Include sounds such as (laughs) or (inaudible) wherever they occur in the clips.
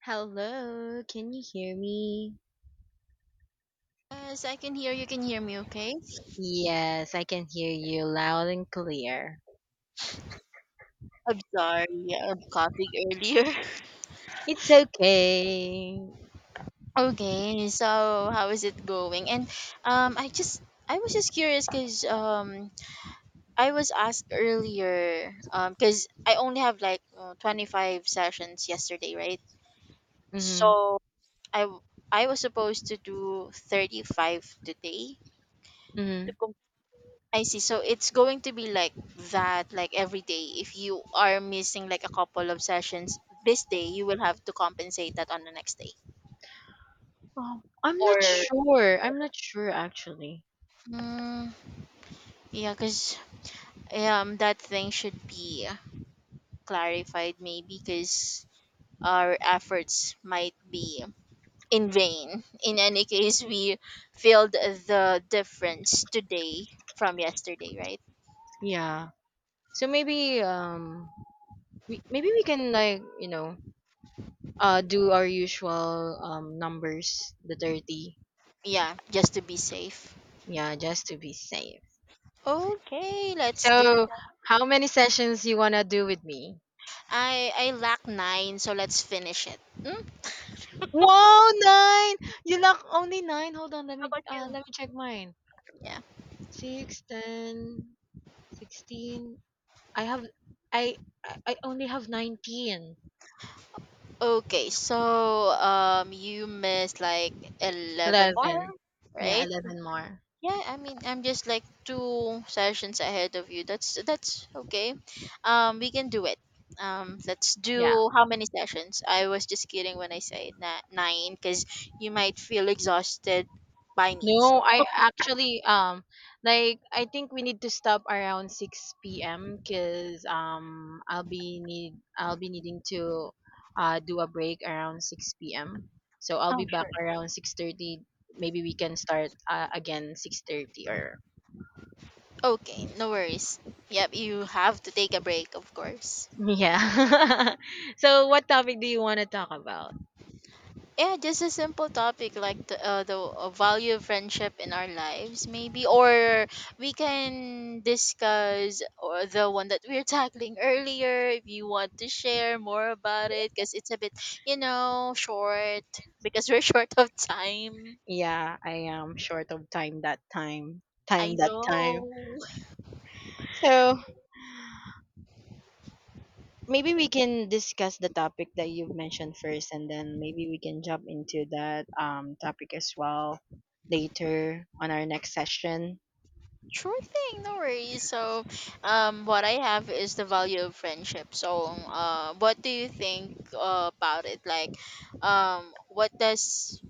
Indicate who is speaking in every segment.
Speaker 1: Hello, can you hear me?
Speaker 2: Yes, I can hear you. Can hear me okay?
Speaker 1: Yes, I can hear you loud and clear.
Speaker 2: I'm sorry. I'm coughing earlier. (laughs)
Speaker 1: It's okay.
Speaker 2: Okay, so how is it going? And um, I just I was just curious because I was asked earlier, because I only have like 25 sessions yesterday, right?
Speaker 1: Mhm.
Speaker 2: So I w- I was supposed to do 35 today.
Speaker 1: Mhm.
Speaker 2: I see. So it's going to be like that, like every day. If you are missing like a couple of sessions this day, you will have to compensate that on the next day.
Speaker 1: Oh, I'm not
Speaker 2: Or
Speaker 1: sure. Actually.
Speaker 2: mm, yeah, because that thing should be clarified maybe because our efforts might be in vain. In any case, we filled the difference today from yesterday, right?
Speaker 1: Yeah. So maybe we can do our usual numbers, the 30.
Speaker 2: Yeah, just to be safe.
Speaker 1: Yeah, just to be safe.
Speaker 2: Okay, let's do
Speaker 1: So, how many sessions you want to do with me?
Speaker 2: I lack nine, so let's finish it. Mm.
Speaker 1: Wow, 9! You lock only 9? Hold on,
Speaker 2: How about you?
Speaker 1: let me check mine.
Speaker 2: Yeah.
Speaker 1: 6, 10, 16. I have, I, I only have 19.
Speaker 2: Okay, so you missed like 11 more,
Speaker 1: 11. Yeah,
Speaker 2: right?
Speaker 1: 11 more.
Speaker 2: Yeah, I mean, I'm just like two sessions ahead of you. That's okay. We can do it. Let's
Speaker 1: Yeah.
Speaker 2: do how many sessions? I was just kidding when I say nine, because you might feel exhausted by me. So
Speaker 1: No, I actually I think we need to stop around 6 p.m. Cuz I'll be needing to do a break around 6 p.m. So I'll be
Speaker 2: oh,
Speaker 1: back
Speaker 2: sure.
Speaker 1: around 6:30. Maybe we can start again 6:30 or
Speaker 2: Okay, no worries. Yep, you have to take a break, of course.
Speaker 1: (laughs) yeah. (laughs) so what topic do you want to talk about?
Speaker 2: Yeah, just a simple topic like the value of friendship in our lives maybe, or we can discuss, or the one that we are (laughs) tackling earlier, if you want to share more about it, because it's a bit, you know, short because we're (laughs) short of time.
Speaker 1: Yeah, I am short of time that time.
Speaker 2: I
Speaker 1: Time that time.
Speaker 2: know.
Speaker 1: So maybe we can discuss the topic that you've mentioned first and then maybe we can jump into that topic as well later on our next session.
Speaker 2: Sure thing, no worries. So what I have is the value of friendship. So what do you think about it, like what does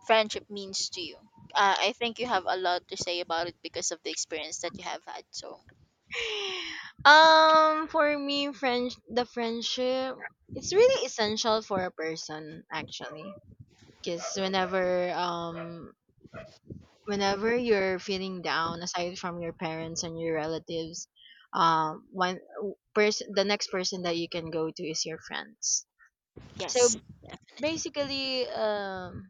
Speaker 2: friendship means to you. I think you have a lot to say about it because of the experience that you have had. So
Speaker 1: (laughs) For me friend the friendship, it's really essential for a person actually, because whenever you're feeling down, aside from your parents and your relatives, one person, the next person that you can go to is your friends. So
Speaker 2: yes. Yeah.
Speaker 1: basically,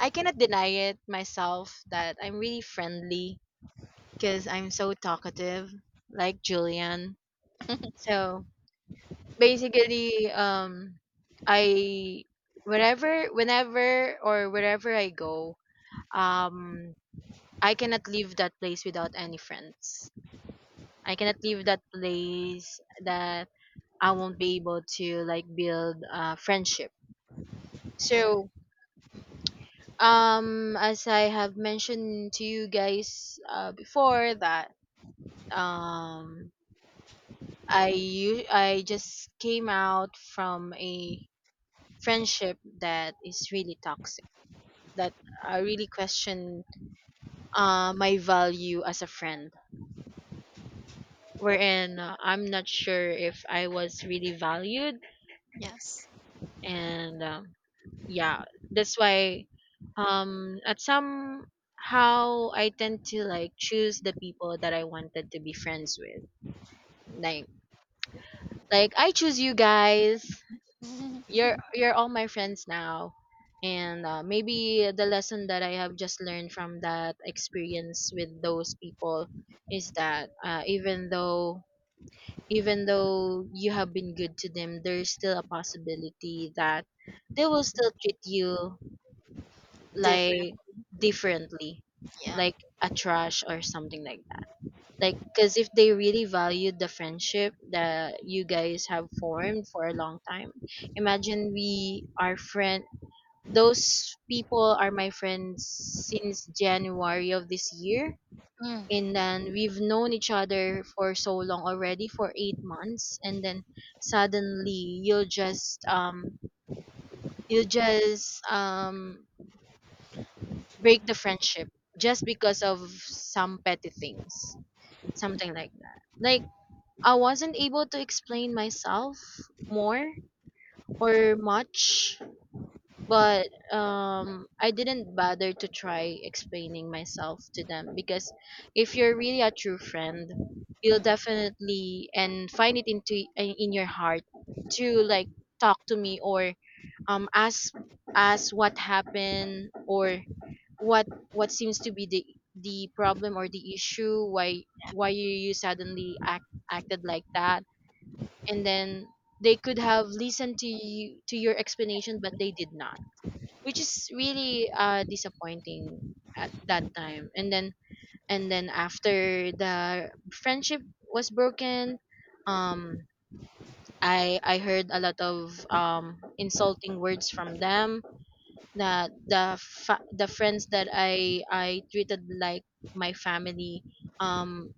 Speaker 1: I cannot deny it myself that I'm really friendly because I'm so talkative, like Julian. So basically, I wherever, whenever, or wherever I go, um I cannot leave that place without any friends. I cannot leave that place, that I won't be able to like build friendship.
Speaker 2: (laughs) And
Speaker 1: So as I have mentioned to you guys before, that um I just came out from a friendship that is really toxic, that I really question my value as a friend, wherein I'm not sure if I was really valued.
Speaker 2: yes.
Speaker 1: And yeah, that's why at some how I tend to like choose the people that I wanted to be friends with, like like I choose you guys.
Speaker 2: (laughs)
Speaker 1: You're all my friends now. And maybe the lesson that I have just learned from that experience with those people is that even though, even though you have been good to them, there's still a possibility that they will still treat you
Speaker 2: Different.
Speaker 1: like differently,
Speaker 2: Yeah.
Speaker 1: like a trash or something like that. Like, because if they really valued the friendship that you guys have formed for a long time, imagine we are friend. Those people are my friends since January of this year,
Speaker 2: Mm.
Speaker 1: and then we've known each other for so long already for 8 months, and then suddenly you just break the friendship just because of some petty things, something like that. Like, I wasn't able to explain myself more or much, but I didn't bother to try explaining myself to them because if you're really a true friend, you'll
Speaker 2: Mm.
Speaker 1: definitely and find it into in your heart to like talk to me or um ask ask what happened, or what seems to be the problem or the issue, why, you suddenly acted like that, and then they could have listened to you, to your explanation, but they did not, which is really disappointing at that time. And then, and then after the friendship was broken, um I heard a lot of insulting words from them, that the friends that I treated like my family, um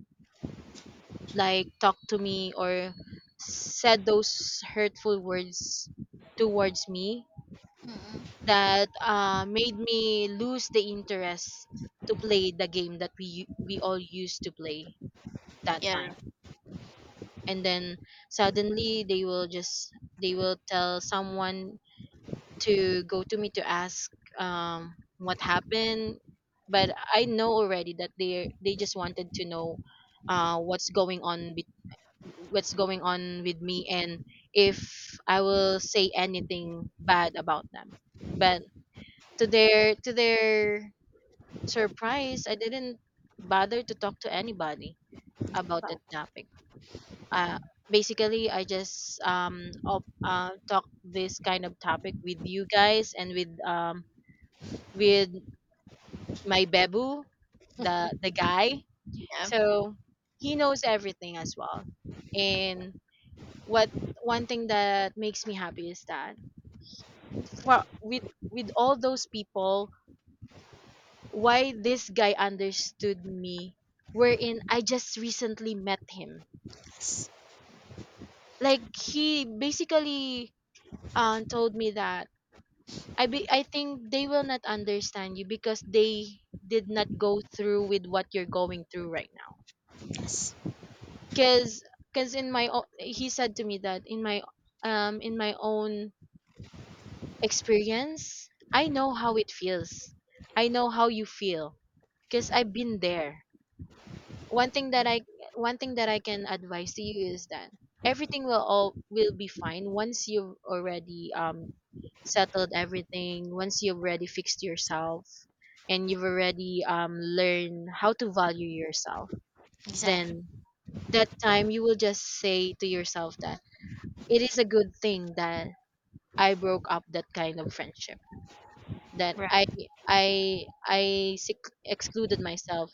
Speaker 1: like, talked to me or said those hurtful words towards me,
Speaker 2: Mm. Mm.
Speaker 1: that made me lose the interest to play the game that we all used to play that
Speaker 2: Yeah.
Speaker 1: time. And then suddenly they will tell someone to go to me to ask what happened. But I know already that they just wanted to know, uh, what's going on be- what's going on with me and if I will say anything bad about them. But to their surprise, I didn't bother to talk to anybody about that topic. uh, basically, I just talk this kind of topic with you guys and with my bebu, the guy.
Speaker 2: Yeah.
Speaker 1: So he knows everything as well. And what, one thing that makes me happy is that for, with all those people, why this guy understood me, wherein I just recently met him.
Speaker 2: Yes.
Speaker 1: Like, he basically told me that I think they will not understand you because they did not go through with what you're going through, right?
Speaker 2: Yes.
Speaker 1: Cause, cause in my own, he said to me that in my own experience, I know how it feels. I know how you feel. Cause I've been there. One thing that I, one thing that I can advise to you is that everything will all will be fine once you've already settled everything. Once you've already fixed yourself, and you've already learned how to value yourself,
Speaker 2: Exactly.
Speaker 1: then that time you will just say to yourself that it is a good thing that I broke up that kind of friendship, that
Speaker 2: Right.
Speaker 1: I excluded myself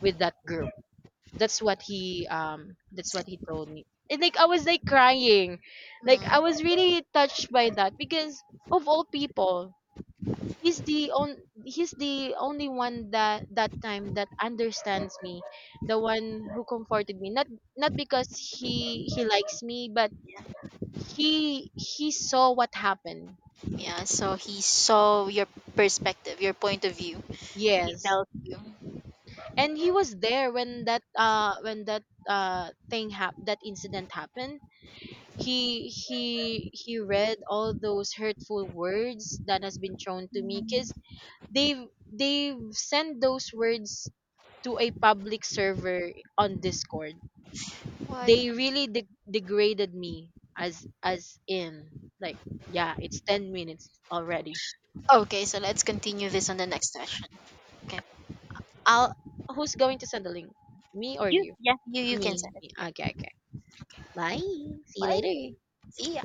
Speaker 1: with that group. That's
Speaker 2: So.
Speaker 1: what he told me. And like, I was like crying. Like, I
Speaker 2: Mm.
Speaker 1: was really touched by that because of all people, he's the on he's the only one that, that time, that understands me, the one who comforted me. Not, not because he likes me, but
Speaker 2: Yeah.
Speaker 1: he saw what happened.
Speaker 2: Yeah. So he saw your perspective, your point of view. He
Speaker 1: Yes.
Speaker 2: tells you.
Speaker 1: And he was there when that thing hap that incident happened. He read all those hurtful words that has been thrown to me
Speaker 2: Mm.
Speaker 1: because they've they've sent those words to a public server on Discord.
Speaker 2: What?
Speaker 1: They really degraded me, as in, like, yeah, it's 10 minutes already.
Speaker 2: Okay, so let's continue this on the next session. Okay.
Speaker 1: I'll, who's going to send the link? Me or
Speaker 2: You,
Speaker 1: you?
Speaker 2: yeah, you can
Speaker 1: Me.
Speaker 2: send it.
Speaker 1: Me.
Speaker 2: Yeah.
Speaker 1: Okay, okay. Bye. See you
Speaker 2: Bye.
Speaker 1: later.
Speaker 2: See ya.